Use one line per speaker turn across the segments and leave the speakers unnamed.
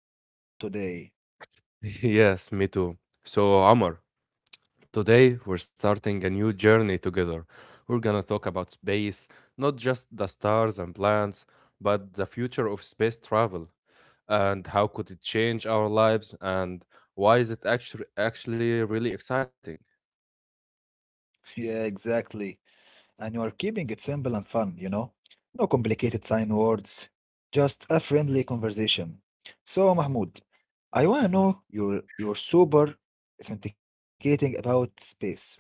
to be here with you all today.
Yes, me too. So, Omar, today we're starting a new journey together. We're gonna talk about space, not just the stars and planets, but the future of space travel and how could it change our lives and why is it actually really exciting.
Yeah, exactly. And you are keeping it simple and fun, you know? No complicated sign words, just a friendly conversation. So, Mahmoud, I wanna know you're super authenticating about space, right?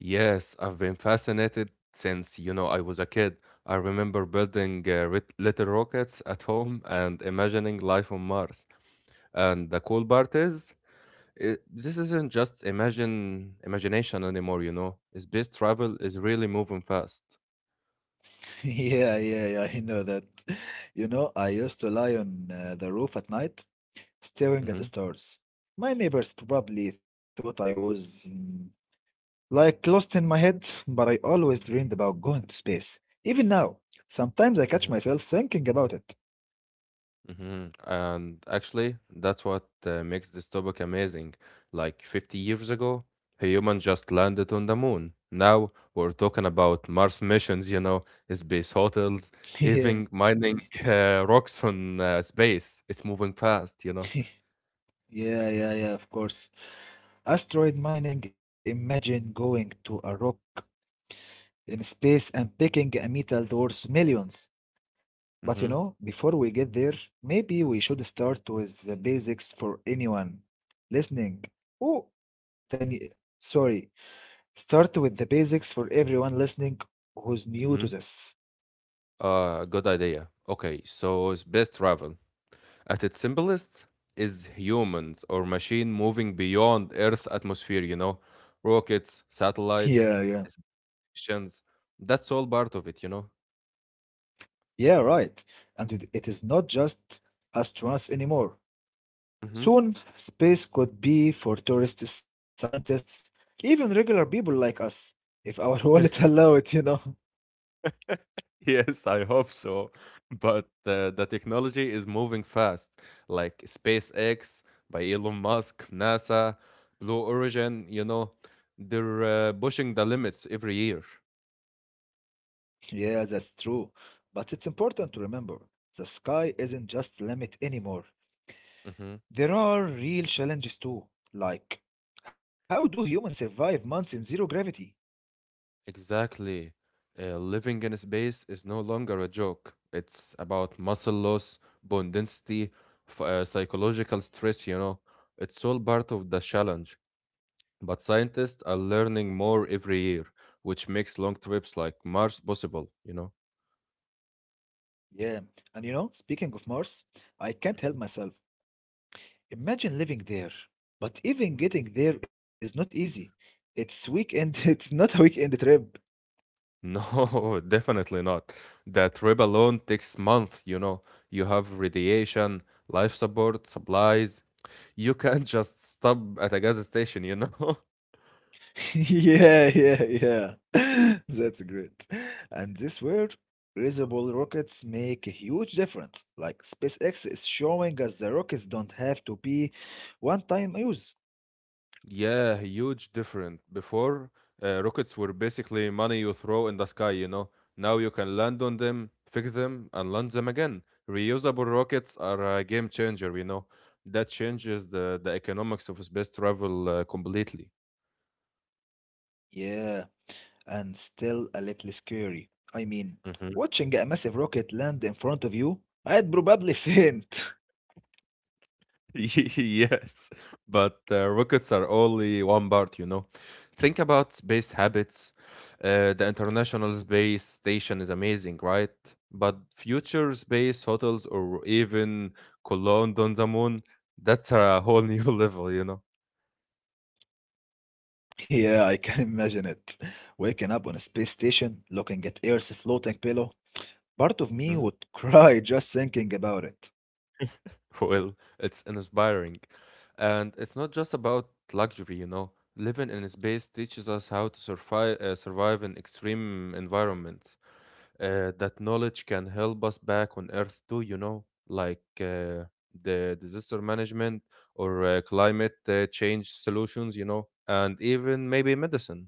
Yes, I've been fascinated since, you know, I was a kid. I remember building little rockets at home and imagining life on Mars. And the cool part is, this isn't just imagine imagination anymore, you know. Space travel is really moving fast.
Yeah, yeah, yeah, I know that. You know, I used to lie on the roof at night,
Mm-hmm.
staring at the stars. My neighbors probably thought I was mm, like lost in my head, but I always dreamed about going to space. Even now, sometimes I catch
Mm-hmm.
myself thinking about it.
Mhm. And actually, that's what makes this topic amazing. Like 50 years ago, humans just landed on the moon. Now we're talking about Mars missions, you know, space hotels,
Yeah,
even mining rocks on space. It's moving fast.
yeah, yeah, yeah, of course. Asteroid mining, imagine going to a rock in space and picking a metal worth millions. But you
Mm-hmm.
know, before we get there, maybe we should start with the basics for anyone listening. Oh, then, y- sorry, start with the basics for everyone listening who's
Mm-hmm.
new to this.
Good idea. Okay, so space travel. At its simplest, is humans or machine moving beyond Earth atmosphere, you know, rockets,
Yeah,
satellites.
yeah,
Christians. That's all part of it.
yeah, right. And it is not just astronauts anymore.
Hmm.
Soon, space could be for tourists, scientists, even regular people like us, if our wallet allow it.
Yes, I hope so. But the technology is moving fast, like SpaceX by Elon Musk, NASA, Blue Origin, you know, they're pushing the limits every year.
Yeah, that's true. But it's important to remember the sky isn't just limit anymore.
Hmm.
There are real challenges too, like how do humans survive months in zero gravity?
Exactly. Living in space is no longer a joke. It's about muscle loss, bone density, psychological stress, you know. It's all part of the challenge. But scientists are learning more every year, which makes long trips like Mars possible.
Yeah, and you know, speaking of Mars, I can't help
Mhm.
myself. Imagine living there, but even getting there is not easy. It's not a weekend trip.
No, definitely not. That trip alone takes months, you know. You have radiation, life support, supplies. You can't just stop at a gas station, you know?
Yeah, yeah, yeah. That's great. And this world, reusable rockets make a huge difference. Like SpaceX is showing us the rockets don't have to be one time use.
Yeah, huge difference. Before, rockets were basically money you throw in the sky. Now you can land on them, fix them, and land them again. Reusable rockets are a game changer. That changes the economics of space travel completely.
Yeah, and still a little scary. I mean,
Mhm.
watching a massive rocket land in front of you, I'd probably faint.
Yes, but rockets are only one part. Think about space habits. The International Space Station is amazing, right? But future space hotels or even Cologne on the moon, that's a whole new level.
Yeah, I can imagine it. Waking up on a space station, looking at Earth's floating pillow, part of me
Mm-hmm.
would cry just thinking about it.
Well, it's inspiring. And it's not just about luxury, you know. Living in space teaches us how to survive, survive in extreme environments. That knowledge can help us back on Earth too, you know, like the disaster management or climate change solutions, you know, and even maybe medicine.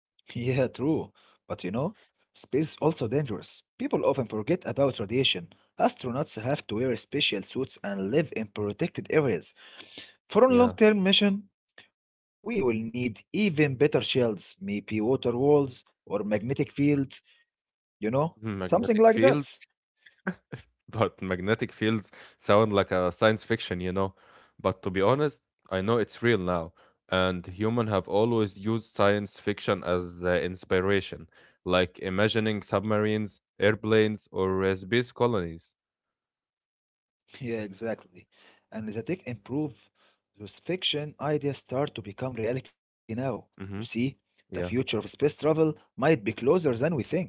Yeah, true. But you know, space is also dangerous. People often forget about radiation. Astronauts have to wear special suits and live in protected areas. For a
Yeah.
long-term mission, we will need even better shields, maybe water walls or magnetic fields, you know,
Hmm,
something
magnetic
like that.
fields. But magnetic fields sound like a science fiction, you know. But to be honest, I know it's real now, and humans have always used science fiction as inspiration, like imagining submarines, airplanes, or space colonies.
Yeah, exactly. And the tech improve, those fiction ideas start to become reality now. You see,
Hmm.
the future
Yeah,
of space travel might be closer than we think.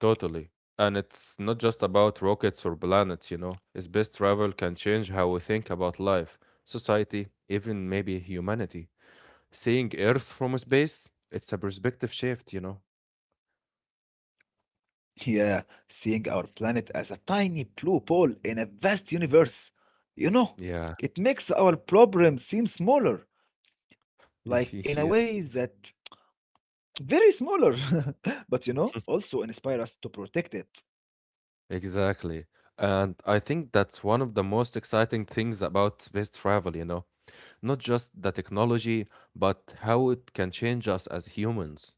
totally. And it's not just about rockets or planets, you know. Space travel can change how we think about life, society, even maybe humanity. Seeing Earth from space, it's a perspective shift, you know.
Yeah, seeing our planet as a tiny blue ball in a vast universe. You know,
Yeah.
it makes our problem seem smaller, like in a way
Yes,
that very smaller, but you know, also inspire us to protect it.
exactly. And I think that's one of the most exciting things about space travel, you know, not just the technology, but how it can change us as humans.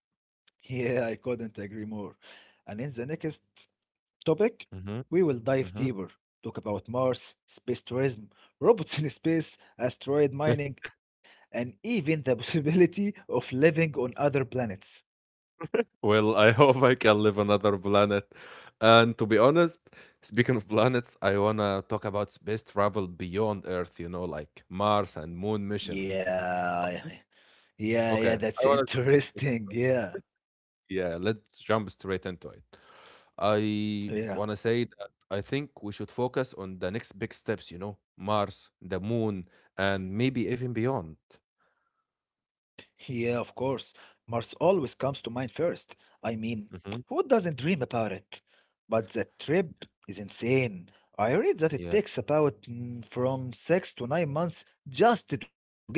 Yeah, I couldn't agree more. And in the next topic,
Hmm.
we will dive
Hmm.
deeper, talk about Mars, space tourism, robots in space, asteroid mining, and even the possibility of living on other planets.
Well, I hope I can live another planet. And to be honest, speaking of planets, I wanna talk about space travel beyond Earth, you know, like Mars and Moon missions.
Yeah,
Okay.
yeah, yeah,
Okay. I
that's
wanna.
interesting. Yeah,
Yeah, let's jump straight into it. I want to
yeah,
say that I think we should focus on the next big steps, you know, Mars, the moon, and maybe even beyond.
yeah, of course. Mars always comes to mind first. I mean,
Hmm.
who doesn't dream about it? But the trip is insane. I read that it
Yeah,
takes about from 6 to 9 months just to get there.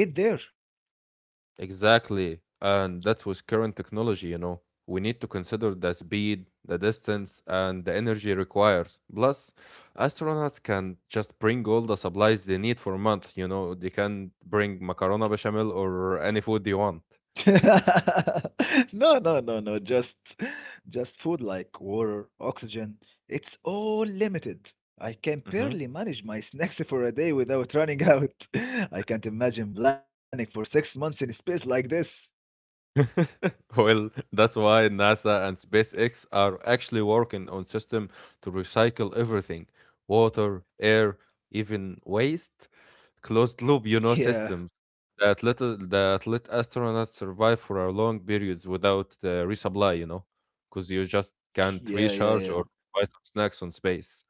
exactly. And that's with current technology, you know. We need to consider the speed, the distance, and the energy requires. Plus, astronauts can just bring all the supplies they need for a month, you know. They can bring macarona bechamel or any food they want.
No, no, no, no. Just food like water, oxygen. It's all limited. I can barely manage my snacks for a day without running out. I can't imagine planning for 6 months in space like this.
Well, that's why NASA and SpaceX are actually working on system to recycle everything: water, air, even waste. Closed loop, you know,
Yeah,
systems that let astronauts survive for a long periods without resupply. You know, because you just can't
yeah, yeah, yeah.
recharge or buy some snacks on space.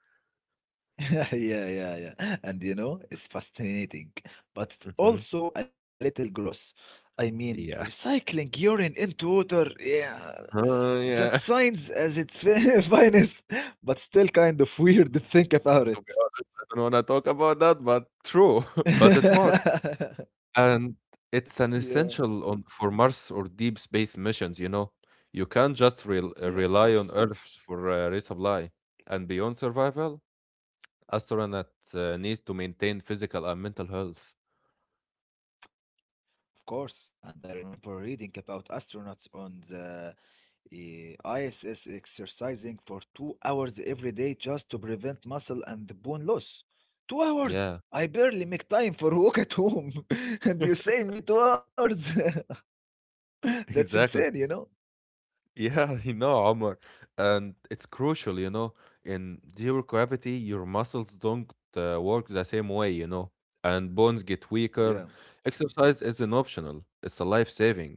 Yeah, yeah, yeah. And you know, it's fascinating, but
Hmm.
also a little gross. I mean,
Yeah.
recycling urine into water, yeah, that
Yeah.
sounds as its finest, but still kind of weird to think about
To
it.
be honest, I don't want to talk about that, but true. But it works. And it's an
Yeah.
essential on for Mars or deep space missions, you know. You can't just
Yeah, of
rely
course.
on Earth for resupply. And beyond survival, astronauts need to maintain physical and mental health.
Of course, and I remember reading about astronauts on the ISS exercising for 2 hours every day just to prevent muscle and bone loss. 2 hours?
Yeah.
I barely make time for a walk at home, and you say me 2 hours? That's insane,
Exactly.
you know?
Yeah, you know, Omar. And it's crucial, you know, in zero gravity, your muscles don't work the same way, you know, and bones get weaker.
Yeah,
Exercise isn't optional, it's a life saving.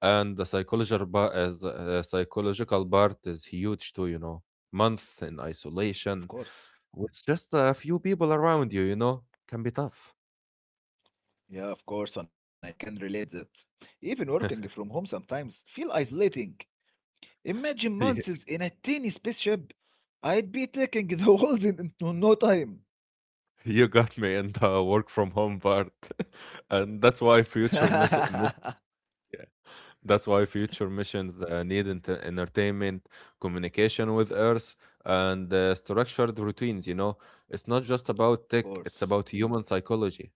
And the psychological ba, as psychological part is huge too, you know. Month in
of
isolation
course.
with just a few people around you, you know, can be tough.
Yeah, of course, and I can relate that. Even working from home sometimes feel isolating. Imagine months
Yeah,
in a tiny spaceship. I'd be taking the walls into no time.
you got me in the work from home part. and that's why future miss-
Of
miss- yeah, That's why future missions need entertainment, communication with earth, and structured routines, you know. It's not just about tech, it's
course.
about human psychology.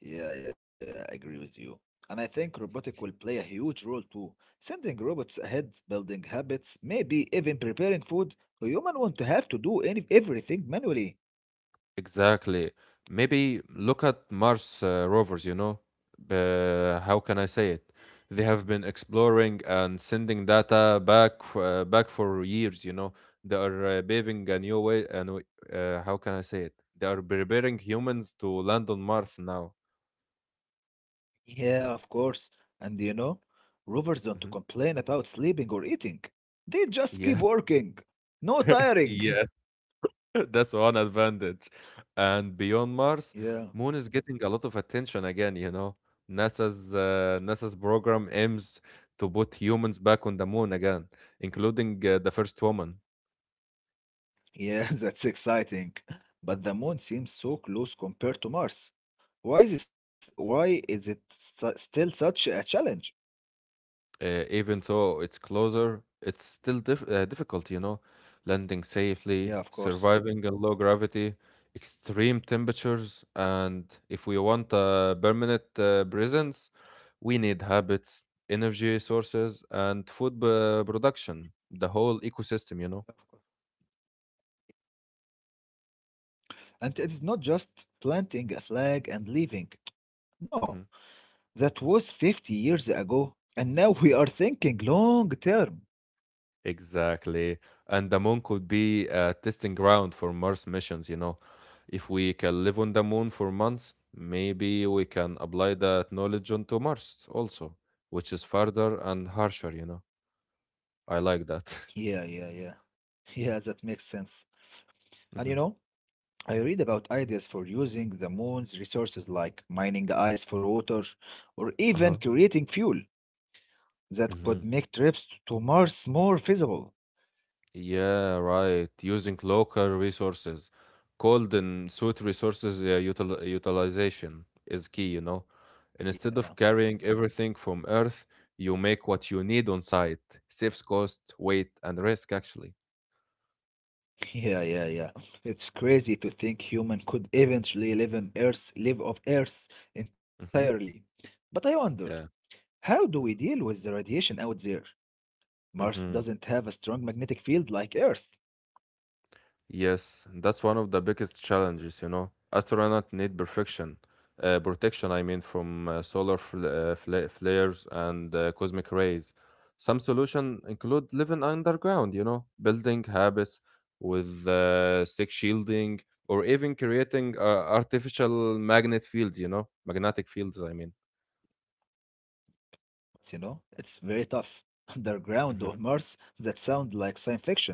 Yeah, yeah, yeah, I agree with you. And I think robotic will play a huge role too. Sending robots ahead, building habits, maybe even preparing food. A human won't have to do any everything manually.
Exactly. Maybe look at Mars rovers, you know? How can I say it? They have been exploring and sending data back for years, you know. They are paving a new way how can I say it? They are preparing humans to land on Mars now.
Yeah, of course. And you know, rovers don't
Mhm.
complain about sleeping or eating. They just keep
Yeah.
working. No tiring.
Yeah, that's one advantage. And beyond Mars,
Yeah.
Moon is getting a lot of attention again, you know. NASA's program aims to put humans back on the moon again, including the first woman.
Yeah, that's exciting. But the moon seems so close compared to Mars. Why is it still such a challenge?
Uh, even though it's closer, it's still difficult, you know, landing safely,
Yeah, of
surviving
course.
in low gravity, extreme temperatures, and if we want a permanent presence, we need habits, energy sources, and food production, the whole ecosystem, you know.
And it is not just planting a flag and leaving. No,
Mm-hmm.
that was 50 years ago, and now we are thinking long term.
Exactly. And the moon could be a testing ground for Mars missions, you know. If we can live on the moon for months, maybe we can apply that knowledge onto Mars also, which is farther and harsher, you know. I like that.
Yeah, yeah, yeah. Yeah, that makes sense. And you
Hmm.
know, I read about ideas for using the moon's resources like mining ice for water or even
Uh-huh.
creating fuel. That could
Mhm.
make trips to Mars more feasible.
Yeah, right. Using local resources, cold and suit resources utilization is key, you know. And
Yeah,
instead of carrying everything from Earth, you make what you need on site. Saves cost, weight, and risk, actually.
yeah, yeah, yeah. It's crazy to think human could eventually live on Earth, live off Earth entirely.
Hmm.
But I wonder,
Yeah.
how do we deal with the radiation out there? Mars
Hmm.
doesn't have a strong magnetic field like Earth.
Yes, that's one of the biggest challenges, you know. Astronauts need perfection, protection, I mean, from flares and cosmic rays. Some solutions include living underground, you know, building habits with sick shielding, or even creating artificial magnet fields, you know, magnetic fields, I mean.
You know? It's very tough. Underground or
Mhm.
Mars that sound like science fiction.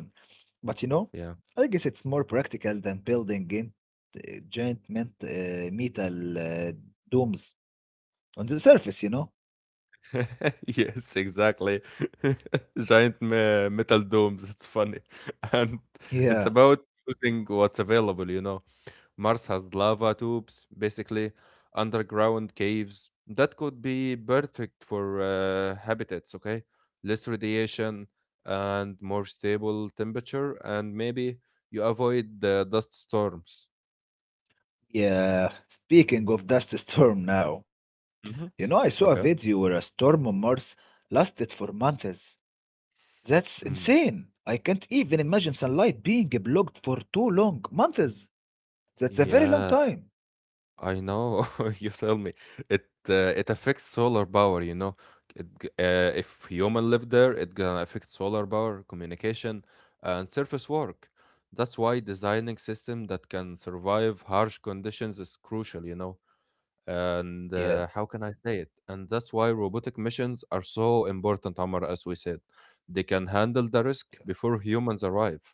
But you know,
Yeah.
I guess it's more practical than building giant metal domes on the surface, you know?
Yes, exactly. Metal domes. It's funny. And
Yeah,
it's about using what's available, you know. Mars has lava tubes, basically, underground caves. That could be perfect for habitats, okay? Less radiation and more stable temperature, and maybe you avoid the dust storms.
yeah. Speaking of dust storm now, you know, I
Hmm.
saw a video
Okay.
where a storm on Mars lasted for months. That's
Mm.
insane. I can't even imagine sunlight being blocked for too long. Months. That's a very long
Yeah,
time.
I know, you tell me it affects solar power. You know, if human live there, it gonna affect solar power, communication, and surface work. That's why designing system that can survive harsh conditions is crucial. You know, and
Yeah.
how can I say it? And that's why robotic missions are so important, Omar. As we said, they can handle the risk before humans arrive.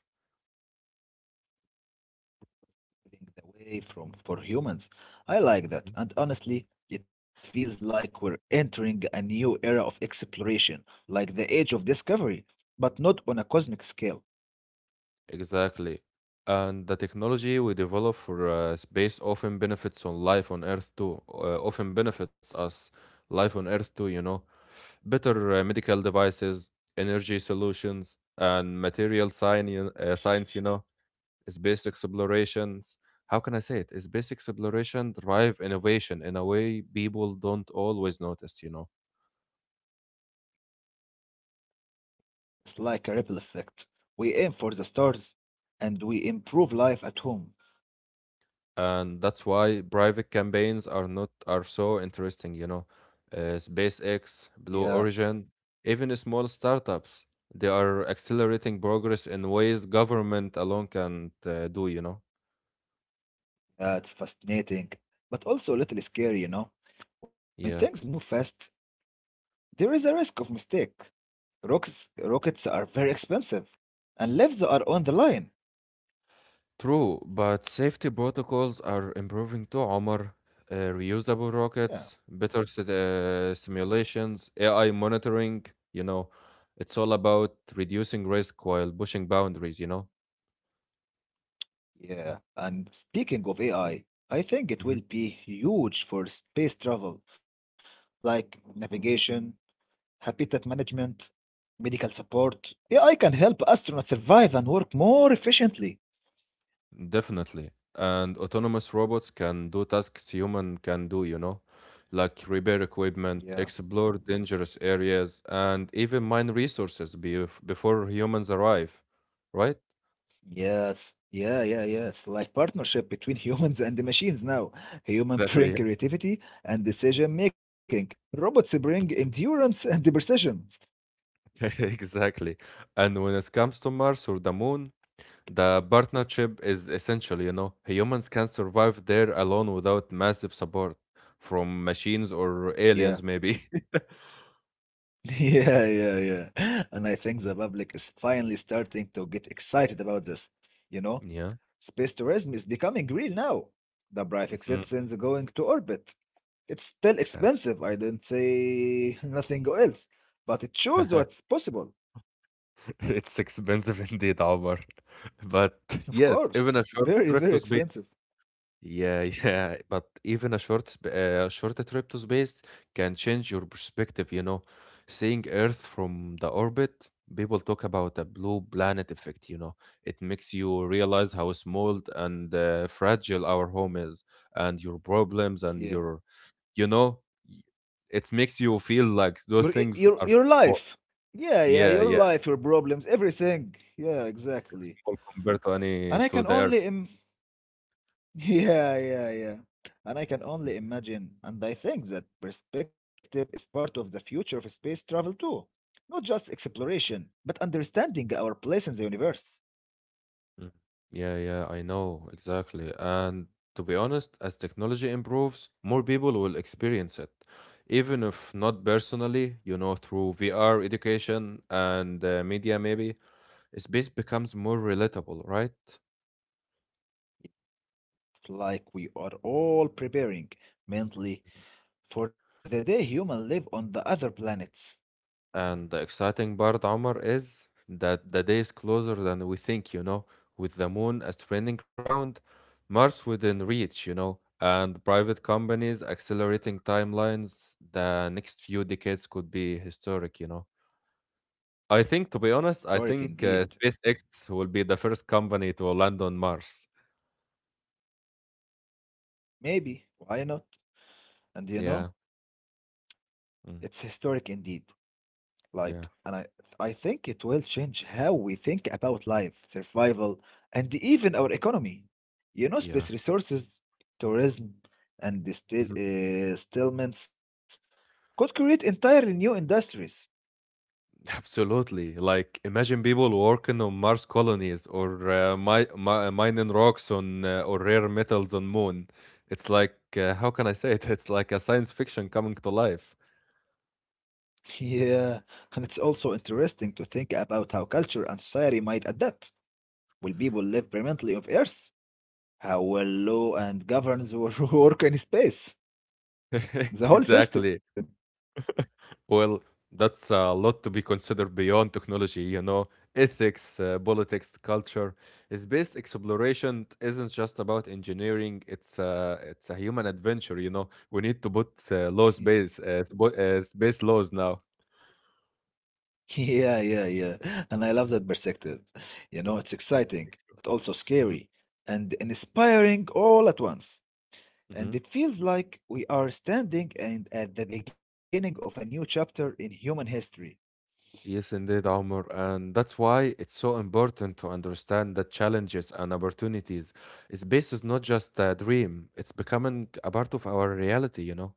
Away from for humans. I like that.
Mm-hmm.
And honestly, it feels like we're entering a new era of exploration, like the age of discovery, but not on a cosmic scale.
Exactly. And the technology we develop for space often benefits on life on Earth too. Often benefits us life on Earth too, you know. Better medical devices, energy solutions, and material science, you know, space explorations. How can I say it? Space exploration drive innovation in a way people don't always notice, you know.
It's like a ripple effect. We aim for the stars and we improve life at home.
And that's why private campaigns are not are so interesting, you know. Uh, SpaceX,
Yeah,
Blue Origin, even small startups, they are accelerating progress in ways government alone can't do, you know.
yeah, it's fascinating, but also a little scary, you know. When things
Yeah,
move fast, there is a risk of mistake. Rockets are very expensive, and lives are on the line.
true, but safety protocols are improving too, Omar. Reusable
Yeah,
rockets better sit- Simulations, AI monitoring, you know, it's all about reducing risk while pushing boundaries, you know.
yeah, and speaking of AI, I think it will be huge for space travel, like navigation, habitat management, medical support. AI can help astronauts survive and work more efficiently.
Definitely. And autonomous robots can do tasks human can do, you know, like repair
Yeah.
equipment, explore dangerous areas, and even mine resources before humans arrive, right?
Yes. Yeah, yeah, yeah. It's like partnership between humans and the machines now. Human bring
Exactly.
creativity and decision making. Robots bring endurance and the precision.
Exactly. And when it comes to Mars or the moon, the partnership is essential, you know. Humans can survive there alone without massive support from machines or
Yeah.
aliens, maybe.
Yeah, yeah, yeah. And I think the public is finally starting to get excited about this. You know,
Yeah.
space tourism is becoming real now. The private
Hmm.
citizens are going to orbit. It's still
Yeah.
expensive, I did not say nothing else, but it shows what's possible.
It's expensive indeed, Omar. But
Of
yes, even a
course,
short
very,
trip
very
to space.
expensive.
Yeah, yeah. But even a short trip to space can change your perspective. You know, seeing Earth from the orbit, people talk about the blue planet effect. You know, it makes you realize how small and fragile our home is, and your problems, and
Yeah.
your, you know, y- it makes you feel like those things
Your
are
life.
small.
Yeah, yeah, your
Yeah, yeah.
life, your problems, everything. Yeah,
It's
exactly.
small compared to any
And I
to
can
the Earth.
only yeah, yeah, yeah. And I can
Mhm,
only imagine, and I think that perspective is part of the future of space travel too. Not just exploration, but understanding our place in the universe.
mhm. Yeah, yeah, I know exactly. And to be honest, as technology improves, more people will experience it, even if not personally. You know, through VR education and media, maybe space becomes more relatable, right?
It's like we are all preparing mentally for the day humans live on the other planets.
And the exciting part, Omar, is that the day is closer than we think, you know, with the moon as training ground, Mars within reach, you know, and private companies accelerating timelines, the next few decades could be historic, you know. I think, to be honest,
Historic
I think
indeed.
SpaceX will be the first company to land on Mars.
Maybe, why not? And you know,
Yeah,
it's
mm,
historic indeed. And
yeah,
I think it will change how we think about life, survival, and even our economy. You know,
yeah.
space resources, tourism, and the still, settlements could create entirely new industries.
Absolutely. Like, imagine people working on Mars colonies or mining rocks on or rare metals on Moon. It's like, how can I say it? It's like a science fiction coming to life.
Yeah, and it's also interesting to think about how culture and society might adapt. Will people live permanently on Earth? How will law and governance work in space? The whole system.
Exactly. Well, that's a lot to be considered beyond technology, you know. Ethics, politics, culture. Space exploration isn't just about engineering. It's a human adventure, you know. We need to put laws base space laws now.
Yeah, yeah, yeah. And I love that perspective. You know, it's exciting, but also
Mhm,
scary and inspiring all at once. And
mhm.
it feels like we are standing and at the beginning of a new chapter in human history.
Yes, indeed, Omar. And that's why it's so important to understand that challenges and opportunities. Space is not just a dream, it's becoming a part of our reality, you know?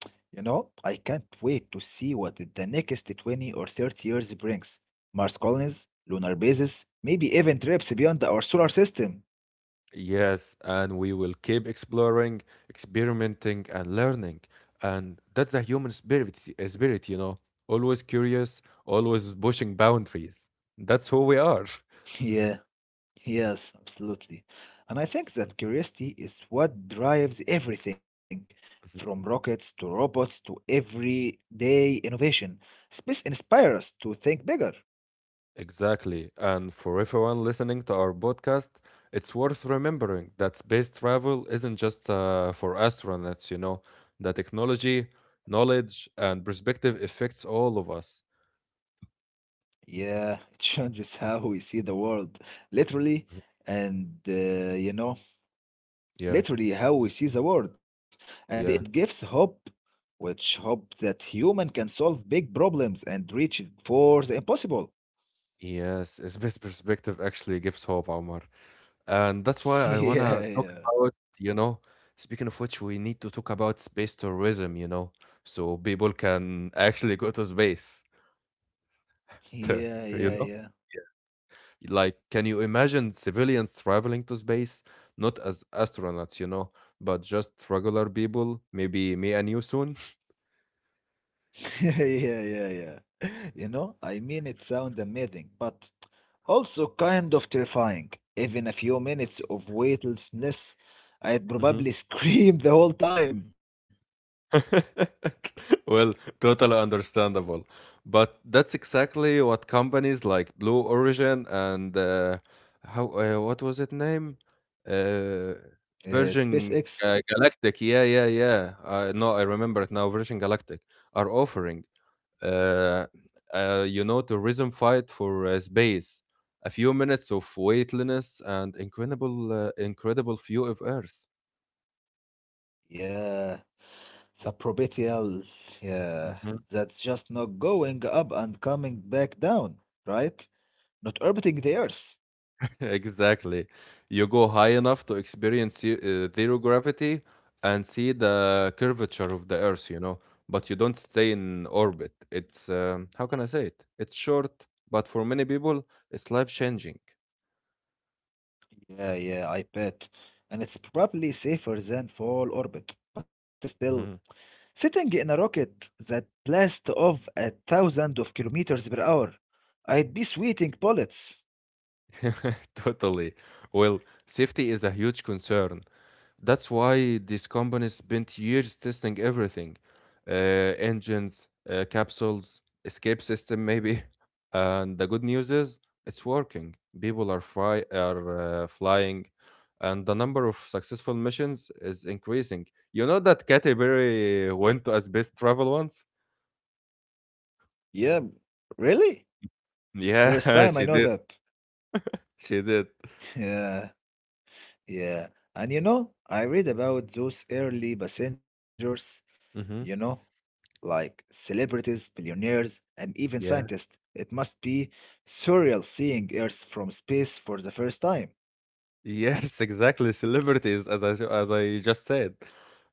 You know, I can't wait to see what the next 20 or 30 years brings. Mars colonies, lunar bases, maybe even trips beyond our solar system.
Yes, and we will keep exploring, experimenting, and learning. And that's the human spirit, you know? Always curious, always pushing boundaries. That's who we are.
Yeah. Yes, absolutely. And I think that curiosity is what drives everything from rockets to robots to everyday innovation. Space inspires us to think bigger.
Exactly. And for everyone listening to our podcast, it's worth remembering that space travel isn't just for astronauts, you know, the technology, knowledge, and perspective affects all of us.
Yeah, it changes how we see the world, literally,
Mhm.
and you know,
Yeah,
literally how we see the world. And it
yeah,
gives hope, which hope that human can solve big problems and reach for the impossible.
yes. It's Space perspective actually gives hope, Omar. And that's why I want to
Yeah,
talk
yeah.
about, you know, speaking of which, we need to talk about space tourism, you know, so people can actually go to space,
Yeah, yeah,
you know?
yeah.
Like, can you imagine civilians traveling to space? Not as astronauts, you know, but just regular people. Maybe me and you soon.
Yeah, yeah, yeah. You know, I mean, it sounds amazing, but also kind of terrifying. Even a few minutes of weightlessness, I'd
Mhm.
probably scream the whole time.
Well, totally understandable. But that's exactly what companies like Blue Origin and how what was it name? Uh, Virgin
SpaceX,
Galactic. Yeah, yeah, yeah. No, I remember it now. Virgin Galactic are offering uh, you know, terrorism fight for space, a few minutes of weightlessness, and incredible view of Earth.
yeah, suborbital, yeah,
Mhm.
that's just not going up and coming back down, right? Not orbiting the Earth.
Exactly. You go high enough to experience zero gravity and see the curvature of the Earth, you know, but you don't stay in orbit. It's, how can I say it? It's short, but for many people, it's life changing.
Yeah, yeah, I bet. And it's probably safer than full orbit, but still.
Mhm.
Sitting in a rocket that blasts off at thousands of kilometers per hour, I'd be sweating bullets.
Totally. Well, safety is a huge concern. That's why these companies spent years testing everything uh, engines, capsules, escape system, maybe. And the good news is it's working. People are flying, and the number of successful missions is increasing. You know that Katy
Y-
Perry went to As best Travel once?
Yeah, really? First time
Yeah,
I
she
know
did.
that.
She did.
Yeah, yeah. And you know, I read about those early passengers, you know,
Hmm.
like celebrities, billionaires, and even
Yeah.
scientists. It must be surreal seeing Earth from space for the first time.
Yes, exactly. Celebrities, as I just said,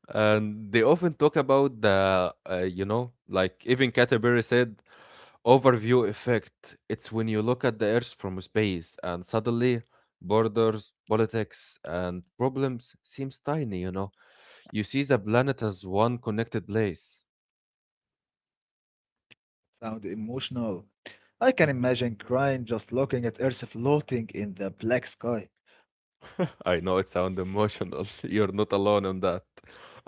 and they often talk about the you know, like even Caterbury said, overview effect. It's when you look at the Earth from space, and suddenly borders, politics, and problems seems tiny. You know, you see the planet as one connected place.
Sound emotional, I can imagine crying just looking at Earth floating in the black sky.
I know it sounds emotional. You're not alone on that.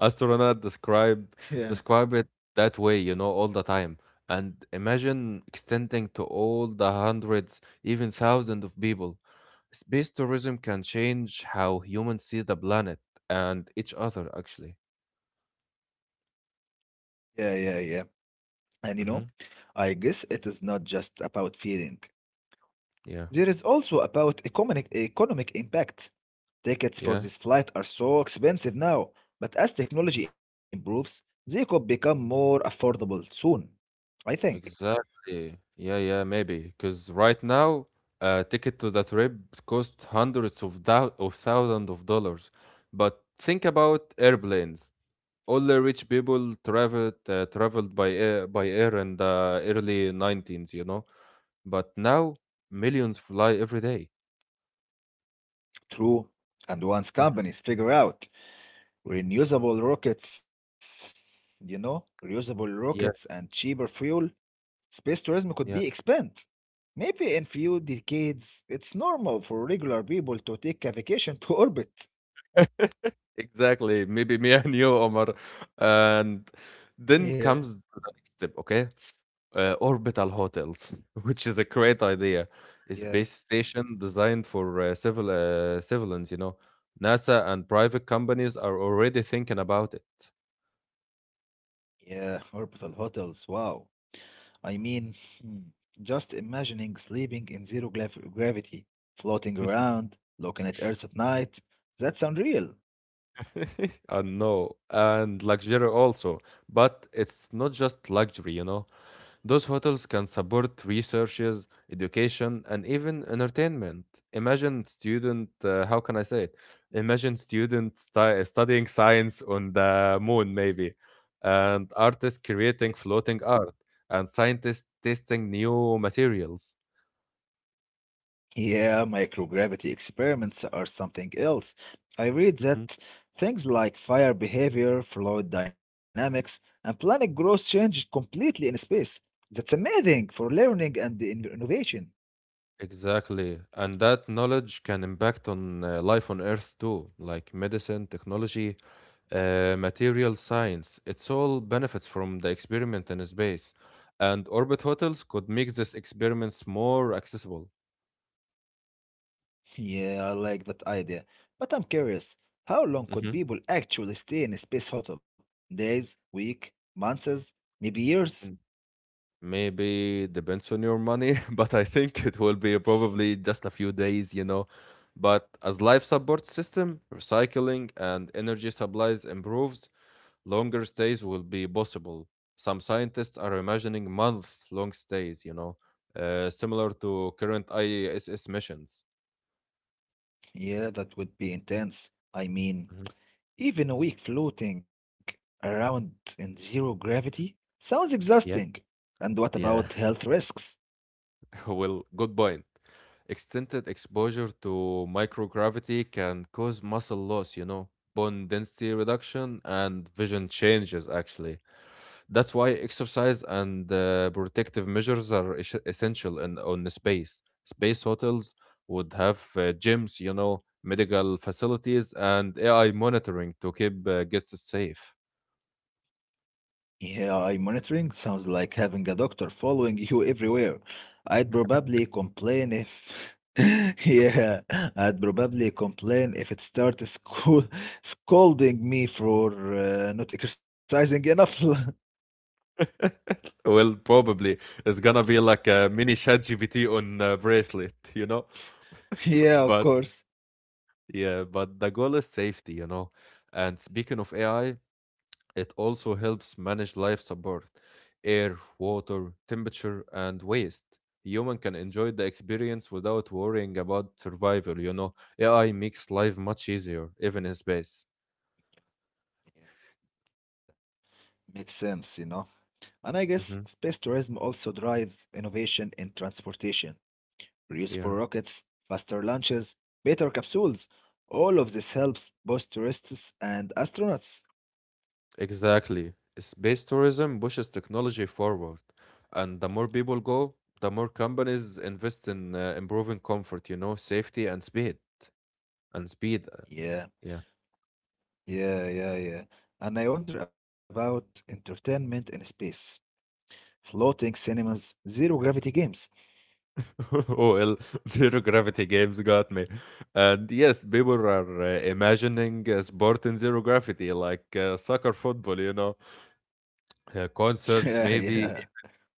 Astronaut described
Yeah,
describe it that way, you know, all the time. And imagine extending to all the hundreds, even thousands of people. Space tourism can change how humans see the planet and each other, actually.
yeah, yeah, yeah. And you know,
Hmm.
I guess it is not just about feeling.
Yeah,
There is also about economic impact. Tickets for
yeah.
this flight are so expensive now, but as technology improves, they could become more affordable soon. I think.
Exactly. Yeah, yeah, maybe. Because right now, a ticket to the trip costs hundreds of thousands of dollars. But think about airplanes. All the rich people traveled by air in the early 19s, you know. But now millions fly every day.
True. And once
Mhm.
companies figure out renewable rockets, reusable rockets
Yeah,
and cheaper fuel, space tourism could be
yeah.
expanded. Maybe in few decades, it's normal for regular people to take a vacation to orbit.
Exactly. Maybe me and you, Omar. And
Yeah,
then comes the next step, okay? Uh, orbital hotels, which is a great idea.
yeah,
A space station designed for civilians, you know. NASA and private companies are already thinking about it.
yeah, orbital hotels, wow. I mean, hmm, just imagining sleeping in zero gravity, floating around, looking at Earth at night, that sounds real.
I know, and luxury also, but it's not just luxury, you know. Those hotels can support researches, education, and even entertainment. Imagine student, how can I say it? Studying science on the moon, maybe, and artists creating floating art, and scientists testing new materials.
Yeah, microgravity experiments are something else. I read that things like fire behavior, fluid dynamics, and planet growth change completely in space. That's amazing for learning and innovation.
Exactly. And that knowledge can impact on life on Earth too, like medicine, technology, material science. It's all benefits from the experiment in space. And orbit hotels could make these experiments more accessible.
Yeah, I like that idea. But I'm curious, how long could people actually stay in a space hotel? Days, week, months, maybe years?
Mhm. Maybe depends on your money, but I think it will be probably just a few days, you know. But as life support system, recycling and energy supplies improves, longer stays will be possible. Some scientists are imagining month-long stays, you know, similar to current ISS missions.
Yeah, that would be intense. I mean,
Mhm.
even a week floating around in zero gravity sounds exhausting.
Yeah,
And what about
yeah.
health risks?
Well, good point. Extended exposure to microgravity can cause muscle loss, you know, bone density reduction, and vision changes, actually. That's why exercise and protective measures are essential in, on the space. Space hotels would have gyms, you know, medical facilities, and AI monitoring to keep guests safe.
AI monitoring sounds like having a doctor following you everywhere. I'd probably complain if. Yeah, I'd probably complain if it started scold scolding me for not exercising enough.
Well, probably it's gonna be like a mini chat GPT on a bracelet, you know?
Yeah, of
But
course.
yeah, but the goal is safety, you know? And speaking of AI, it also helps manage life support, air, water, temperature, and waste. Human can enjoy the experience without worrying about survival, you know? AI makes life much easier, even in space.
Makes sense. And I guess
Hmm.
space tourism also drives innovation in transportation. Reusable
Yeah.
rockets, faster launches, better capsules. All of this helps both tourists and astronauts.
Exactly. Space tourism pushes technology forward, and the more people go, the more companies invest in improving comfort, you know, safety and speed. And speed,
Yeah,
yeah.
yeah, yeah, yeah. And I wonder about entertainment in space. Floating cinemas, zero gravity games.
Oh, well, zero gravity games got me. And yes, people are imagining sport in zero gravity, like soccer, football, you know,
Yeah,
concerts,
yeah,
maybe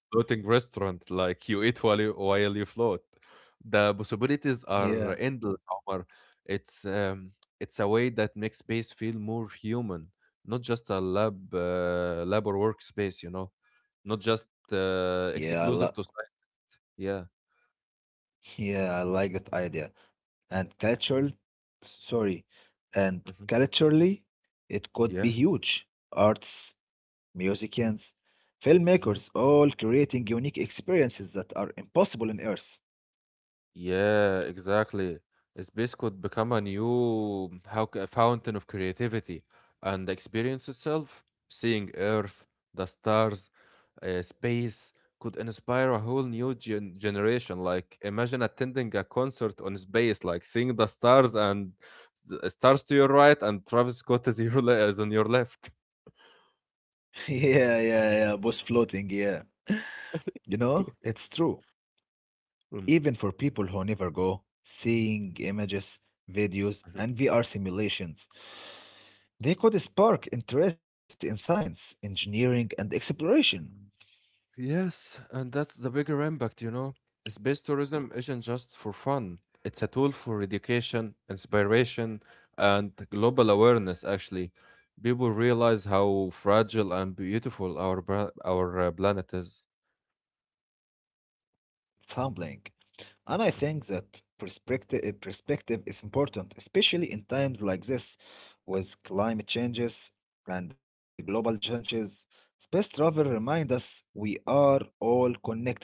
floating restaurant, like you eat while you float. The possibilities are
yeah,
endless, Omar. It's um, it's a way that makes space feel more human, not just a lab or workspace. You know, not just
yeah.
exclusive to science. Yeah.
Yeah, I like that idea. and cultural sorry
Hmm.
and culturally it
Yeah.
could be huge. Arts, musicians, filmmakers,
Mhm.
all creating unique experiences that are impossible on Earth.
Yeah, exactly. Space could become a new how, c- fountain of creativity and the experience itself, seeing Earth, the stars, space could inspire a whole new generation. Like imagine attending a concert on space, like seeing the stars and the stars to your right and Travis Scott is, is on your left.
Yeah, yeah, yeah, both floating, yeah. You know, it's true.
Mm.
Even for people who never go, seeing images, videos, and VR simulations, they could spark interest in science, engineering, and exploration.
Yes, and that's the bigger impact, you know. Space tourism isn't just for fun, it's a tool for education, inspiration, and global awareness, actually. People realize how fragile and beautiful our planet is.
Sampling. And I think that perspective is important, especially in times like this with climate changes and the global changes. Space travel reminds us we are all connected.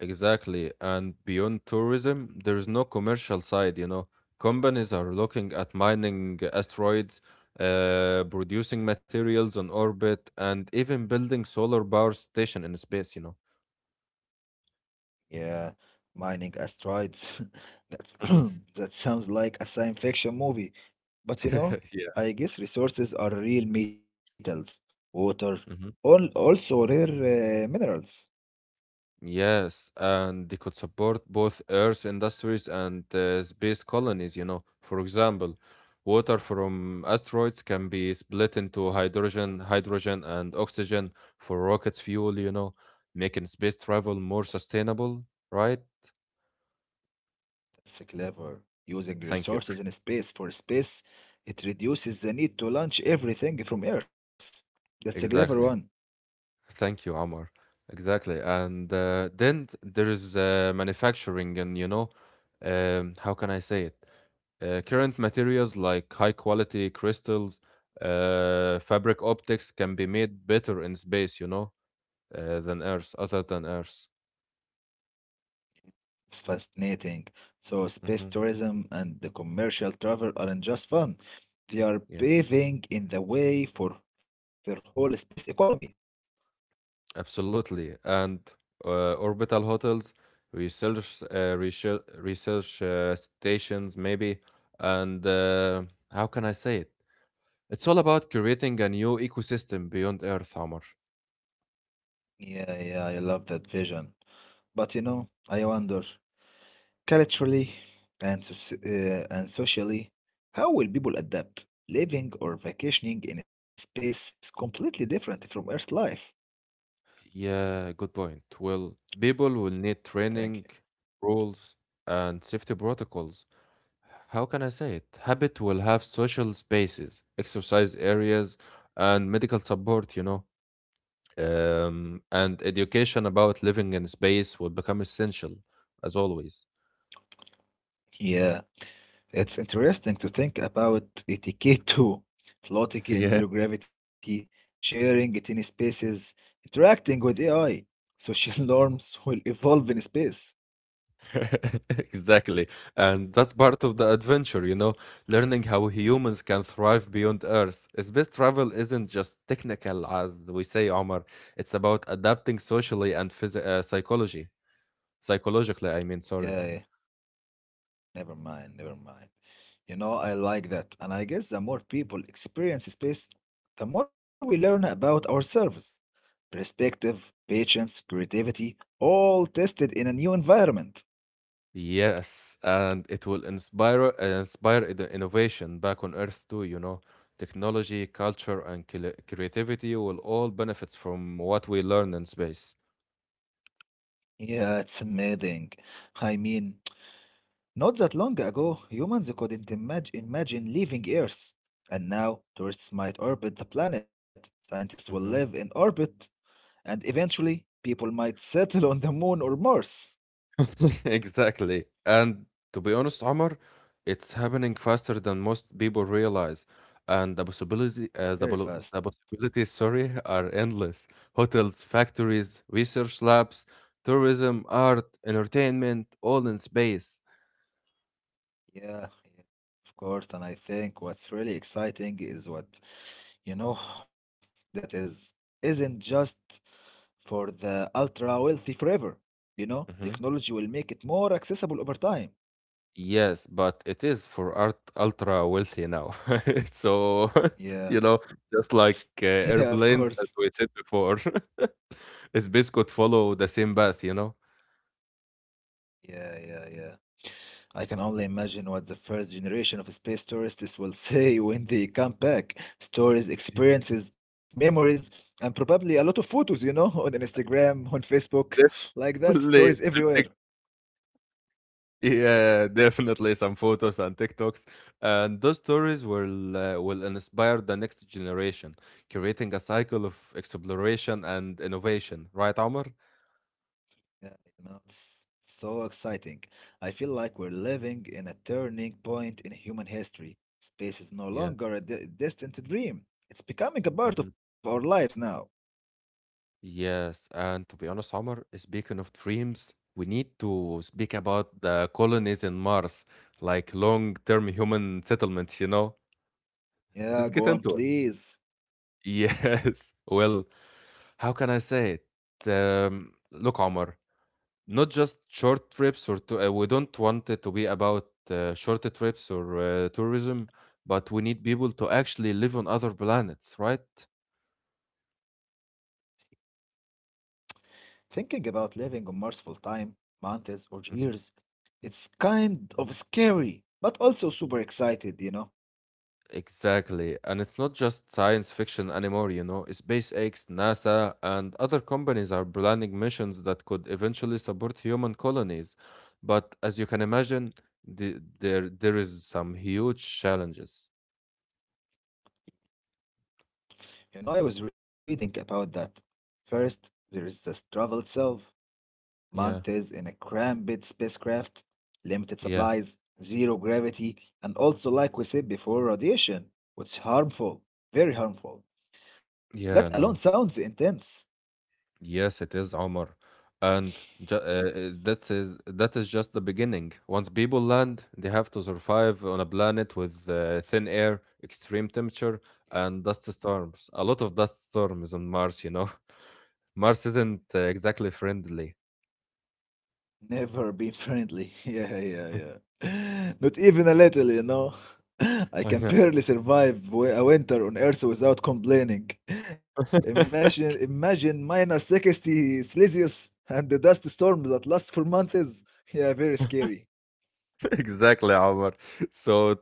Exactly. And beyond tourism, there is no commercial side, you know. Companies are looking at mining asteroids, producing materials on orbit, and even building solar power station in space, you
Yeah, mining asteroids. That's,
know.
that sounds like a science fiction movie. But you know, I guess resources are real metals, water,
Mhm.
also rare minerals.
Yes, and they could support both Earth industries and space colonies, you know. For example, water from asteroids can be split into hydrogen, and oxygen for rockets fuel, you know, making space travel more sustainable, right?
It's clever. Using
Thank you.
resources in space for space, it reduces the need to launch everything from Earth. That's a clever
Exactly.
one.
Thank you, Amar. Exactly. And there is manufacturing, and you know, how can I say it? Current materials like high quality crystals, fabric optics can be made better in space, you know, other than Earth.
It's fascinating. So,
Hmm.
space tourism and the commercial travel aren't just fun, they
Yeah,
are paving in the way for the whole space economy.
absolutely. And orbital hotels, research stations, maybe. And how can I say it? It's all about creating a new ecosystem beyond Earth, Amr.
Yeah, yeah, I love that vision. But you know, I wonder, culturally and, soci- and socially, how will people adapt? Living or vacationing in space is completely different from Earth life.
Yeah, good point. Well, people will need
Thank
training, rules, and safety protocols. How can I say it? Habit will have social spaces, exercise areas, and medical support, you know. And education about living in space will become essential, as always.
you. Yeah, it's interesting to think about etiquette too. Floating in zero gravity, sharing it in spaces, interacting with AI. Social norms will evolve in space.
Exactly. And that's part of the adventure, you know, learning how humans can thrive beyond Earth. Space travel isn't just technical, as we say, Omar. It's about adapting socially and phys- psychology. Psychologically, I mean, sorry.
Yeah, yeah. Never mind, never mind. You know, I like that. And I guess the more people experience space, the more we learn about ourselves. Perspective, patience, creativity, all tested in a new environment.
Yes, and it will inspire the innovation back on Earth too, you know. Technology, culture, and creativity will all benefit from what we learn in space.
Yeah, it's amazing. I mean, not that long ago, humans couldn't imagine leaving Earth. And now, tourists might orbit the planet, scientists will live in
Hmm.
orbit, and eventually, people might settle on the moon or Mars.
Exactly. And to be honest, Omar, it's happening faster than most people realize. And the possibility, the,
Very
pol- the
fast.
possibilities, sorry, are endless. Hotels, factories, research labs, tourism, art, entertainment, all in space.
Yeah, yeah, of course. And I think what's really exciting is what, you know, that is isn't just for the ultra wealthy forever. You know, technology will make it more accessible over time.
Yes, but it is for art ultra wealthy now. So, you
Yeah,
know, just like
yeah, of course.
airplanes, as we said before, space could follow the same path, you know?
Yeah, yeah, yeah. I can only imagine what the first generation of space tourists will say when they come back. Stories, experiences, memories, and probably a lot of photos, on Instagram, on Facebook, like that. Stories
Definitely. and
everywhere.
Tik- Yeah, definitely some photos and TikToks. And those stories will inspire the next generation, creating a cycle of exploration and innovation. Right, Omar?
Yeah, you know, it's so exciting. I feel like we're living in a turning point in human history. Space is no
Yeah.
longer a distant dream, it's becoming a part of our lives now.
Yes, and to be honest, Omar, speaking of dreams, we need to speak about the colonies in Mars, like long-term human settlements, you know?
Yeah,
Let's
go
get
on,
into it.
please.
Yes. Well, how can I say it? Look, Omar, not just short trips we don't want it to be about short trips or tourism, but we need people to actually live on other planets, right?
Thinking about living on Mars full time, months or years, it's kind of scary, but also super excited.
Exactly. And it's not just science fiction anymore, you know. SpaceX, NASA, and other companies are planning missions that could eventually support human colonies. But as you can imagine, there is some huge challenges.
You know, I was reading about that. First, there is the travel itself.
Yeah,
Months in a cramped spacecraft, limited
yeah,
supplies, zero gravity, and also, like we said before, radiation, which is harmful, very harmful. That alone
yeah,
sounds
no.
intense.
Yes, it is, Omar. That is just the beginning. Once people land, they have to survive on a planet with thin air, extreme temperature, and dust storms. A lot of dust storms on Mars, you know. Mars isn't exactly friendly.
Never be friendly. Yeah, yeah, yeah. Not even a little. I
I
can
know.
barely survive a winter on Earth without complaining. Imagine minus 60 Celsius and the dust storm that lasts for months. Yeah, very scary.
Exactly, Omar. So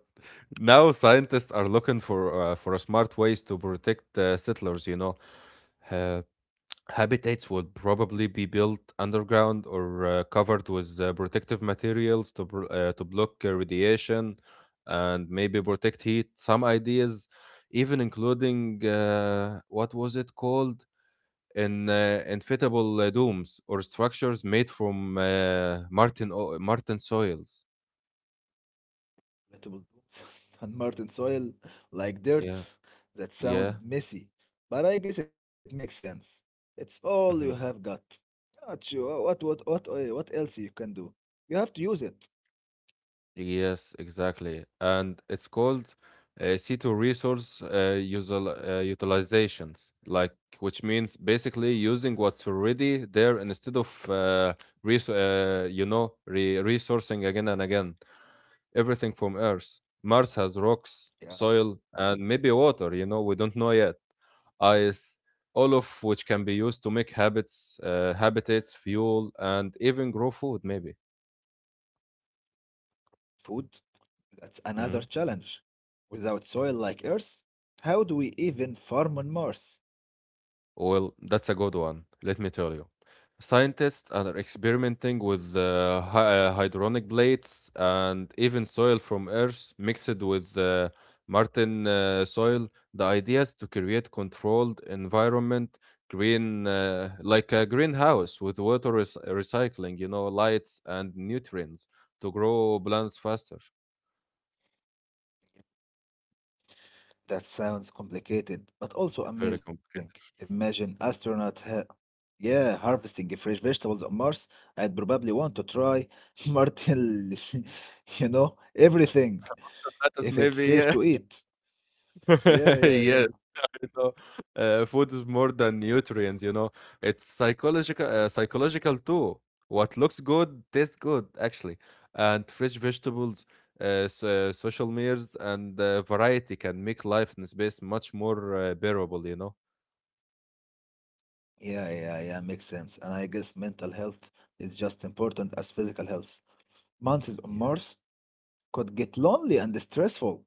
now scientists are looking for smart ways to protect settlers, you know. Uh, Habitats would probably be built underground or covered with protective materials to block radiation and maybe protect heat. Some ideas, even including what was it called? Inflatable domes or structures made from Martin soils.
Vegetable boots and Martin soil like dirt.
Yeah,
That sound
yeah.
messy, but I guess it makes sense. It's all you have
Mhm.
got. Not sure what else you can do? You have to use it.
Yes, exactly. And it's called C2 resource utilizations, like which means basically using what's already there instead of res you know, re resourcing again and again. Everything from Earth. Mars has rocks,
Yeah,
soil, and maybe water, you know, we don't know yet. Ice, all of which can be used to make habitats, fuel, and even grow food, maybe.
food, that's another
Mm-hmm.
challenge. Without soil like Earth, how do we even farm on Mars?
Well, that's a good one, let me tell you. Scientists are experimenting with hydronic plates and even soil from Earth mixed with Martin soil. The idea is to create controlled environment, green like a greenhouse with water recycling, you know, lights and nutrients to grow plants faster.
That sounds complicated, but also
Very
amazing.
complicated.
Imagine astronaut, yeah, harvesting fresh vegetables on Mars. I'd probably want to try martin, everything
That is
if it's
maybe
safe
yeah,
to eat. Yeah, yeah, yeah.
yes. You know, food is more than nutrients, you know. It's psychological too. What looks good tastes good, actually. And fresh vegetables, social meals, and variety can make life in space much more bearable, you know.
Yeah, yeah, yeah, makes sense. And I guess mental health is just important as physical health. Months on
Yeah.
Mars could get lonely and stressful.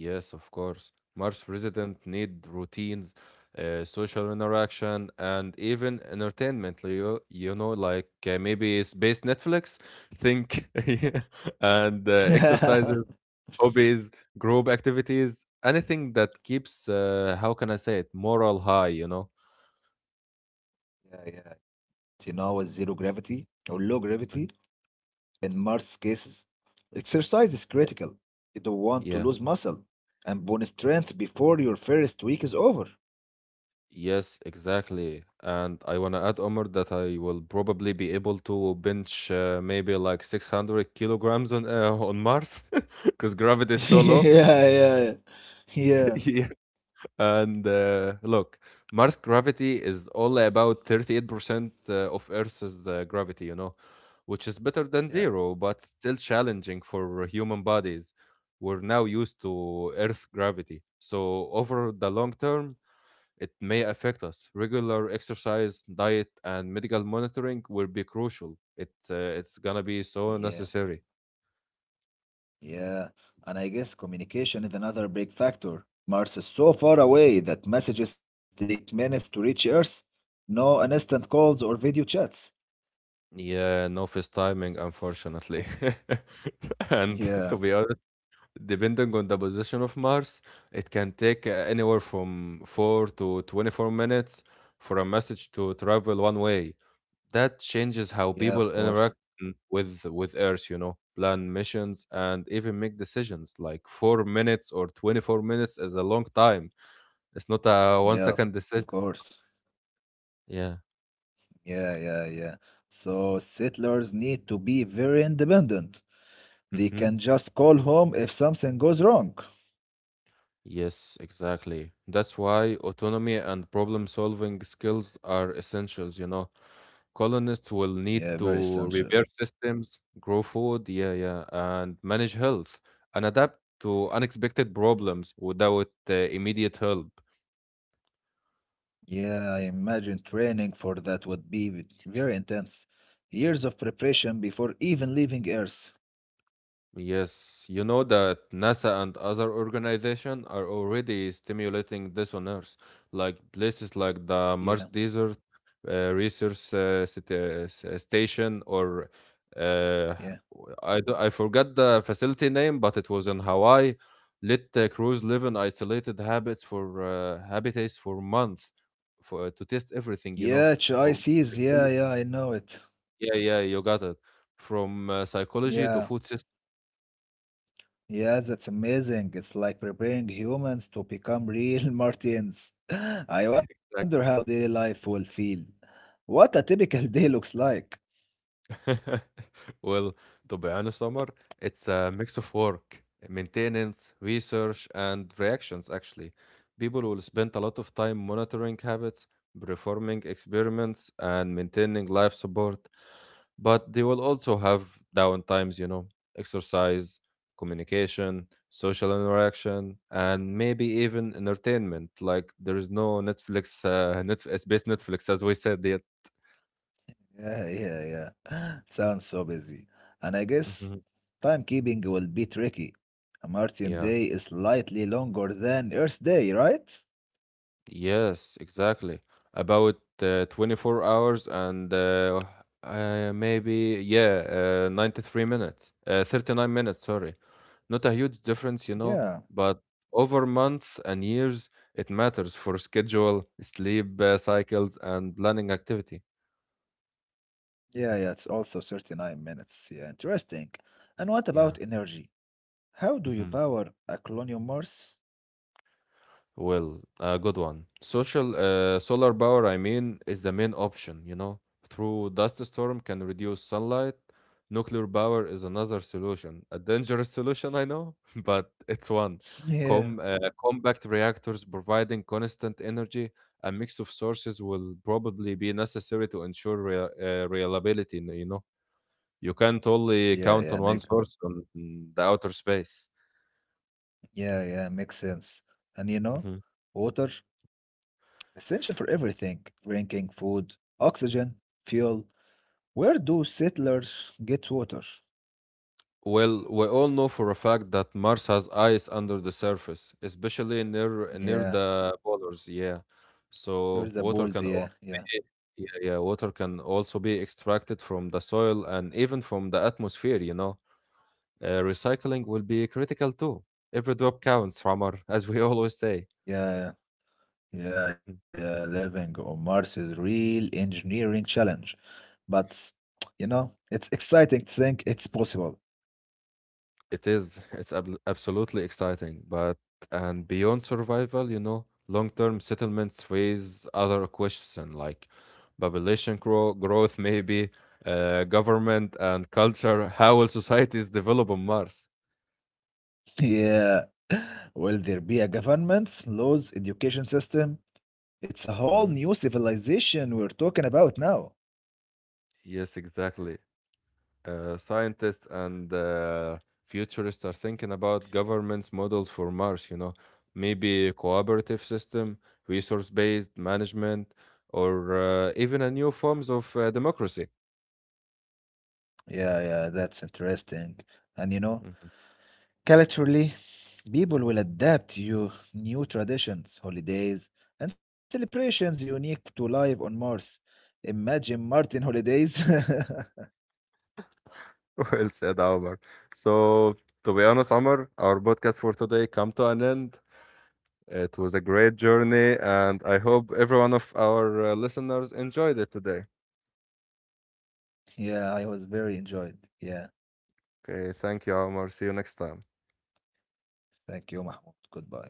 Yes, of course. Mars residents need routines, social interaction, and even entertainment. You know, like maybe space Netflix, think, and
Yeah,
exercises. Hobbies, group activities, anything that keeps, how can I say it, moral high, you know?
yeah. You know, with zero gravity or low gravity,
Mhm.
in most cases, exercise is
Yeah.
critical. You don't want to
Yeah.
lose muscle and bone strength before your first week is over.
Yes, exactly. And I want to add, Omar, that I will probably be able to bench maybe like 600 kilograms on Mars because gravity is
Yeah,
so low.
yeah, yeah, yeah,
And look, Mars gravity is only about 38% of Earth's gravity, you know, which is better than zero, but still challenging for human bodies. We're now used to Earth gravity. So, over the long term, it may affect us. Regular exercise, diet, and medical monitoring will be crucial. It's gonna be so
yeah,
necessary.
yeah. And I guess communication is another big factor. Mars is so far away that messages take minutes to reach Earth. No instant calls or video chats.
Yeah, no timing, unfortunately. And
Yeah.
to be honest, depending on the position of Mars, it can take anywhere from 4 to 24 minutes for a message to travel one way. That changes
Yeah,
how
of
people
course.
interact with Earth, you know, plan missions and even make decisions. Like 4 minutes or 24 minutes is a long time. It's not a 1
Yeah, of
second decision.
course.
Yeah.
Yeah, yeah, yeah. So settlers need to be very independent. They can just call home if something goes wrong.
Yes, exactly. That's why autonomy and problem solving skills are essentials, you know. Colonists will need
Yeah, very
to
essential.
repair systems, grow food, yeah, yeah, and manage health and adapt to unexpected problems without immediate help.
Yeah, I imagine training for that would be very intense. Years of preparation before even leaving Earth.
Yes, you know that NASA and other organizations are already stimulating this on Earth, like places like the Mars
Yeah,
Desert Research Station, or uh,
yeah.
I forgot the facility name, but it was in Hawaii. Let crews live in isolated habits for habitats for months, for to test everything, you know.
Yeah, HICs.
Psychology-
Yeah, yeah, I know it.
yeah, yeah, you got it. From psychology to
Yeah.
food system.
Yeah, that's amazing. It's like preparing humans to become real Martians. I wonder how their life will feel. What a typical day looks like.
Well, to be honest, Omar, it's a mix of work, maintenance, research, and reactions, actually. People will spend a lot of time monitoring habits, performing experiments, and maintaining life support, but they will also have downtimes, you know, exercise, communication, social interaction, and maybe even entertainment. Like there is no Netflix, space Netflix, as we said, yet.
Yeah, yeah, yeah. Sounds so busy. And I guess
Mhm.
timekeeping will be tricky. A Martian
Yeah.
day is slightly longer than Earth day, right?
Yes, exactly. About 24 hours and 93 minutes, 39 minutes, sorry. Not a huge difference, you know,
Yeah,
but over months and years, it matters for schedule, sleep cycles, and planning activity.
yeah, yeah. It's also 39 minutes. Yeah, interesting. And what about
Yeah.
energy? How do you
Mhm.
power a colonial Mars?
Well, a good one. Social Solar power, I mean, is the main option, you know. Through dust storm can reduce sunlight. Nuclear power is another solution. A dangerous solution, I know, but it's one.
Yeah.
Com uh, Compact reactors providing constant energy, a mix of sources will probably be necessary to ensure rea reliability, you know. You can't only
Yeah, yeah,
count on
make
one source on the outer space.
yeah, yeah, makes sense. And you know,
Mm-hmm.
water essential for everything: drinking, food, oxygen, fuel. Where do settlers get water?
Well, we all know for a fact that Mars has ice under the surface, especially near
Yeah,
the polars. Yeah,
there's the
so
balls.
water
Yeah,
can
yeah,
also be yeah, yeah, water can also be extracted from the soil and even from the atmosphere. You know, recycling will be critical too. Every drop counts, Ramar, as we always say.
yeah, yeah, yeah. Living on Mars is real engineering challenge, but you know, it's exciting to think it's possible.
It is. It's absolutely exciting. But and beyond survival, you know, long-term settlements raise other questions like growth, maybe government and culture. How will societies develop on Mars?
Yeah. Will there be a government, laws, education system? It's a whole new
Hmm.
civilization we're talking about now.
Yes, exactly. Scientists and futurists are thinking about governance models for Mars, you know, maybe a cooperative system, resource based management, or even a new forms of democracy.
Yeah, yeah, that's interesting. And you know,
Mhm.
culturally, people will adapt to new traditions, holidays, and celebrations unique to life on Mars. Imagine Martin holidays.
Well said, Omar. So, to be honest, Omar, our podcast for today come to an end. It was a great journey, and I hope every one of our listeners enjoyed it today.
Yeah, I was very enjoyed. Yeah,
Okay, thank you, Omar. See you next time.
thank you, Mahmoud. Goodbye.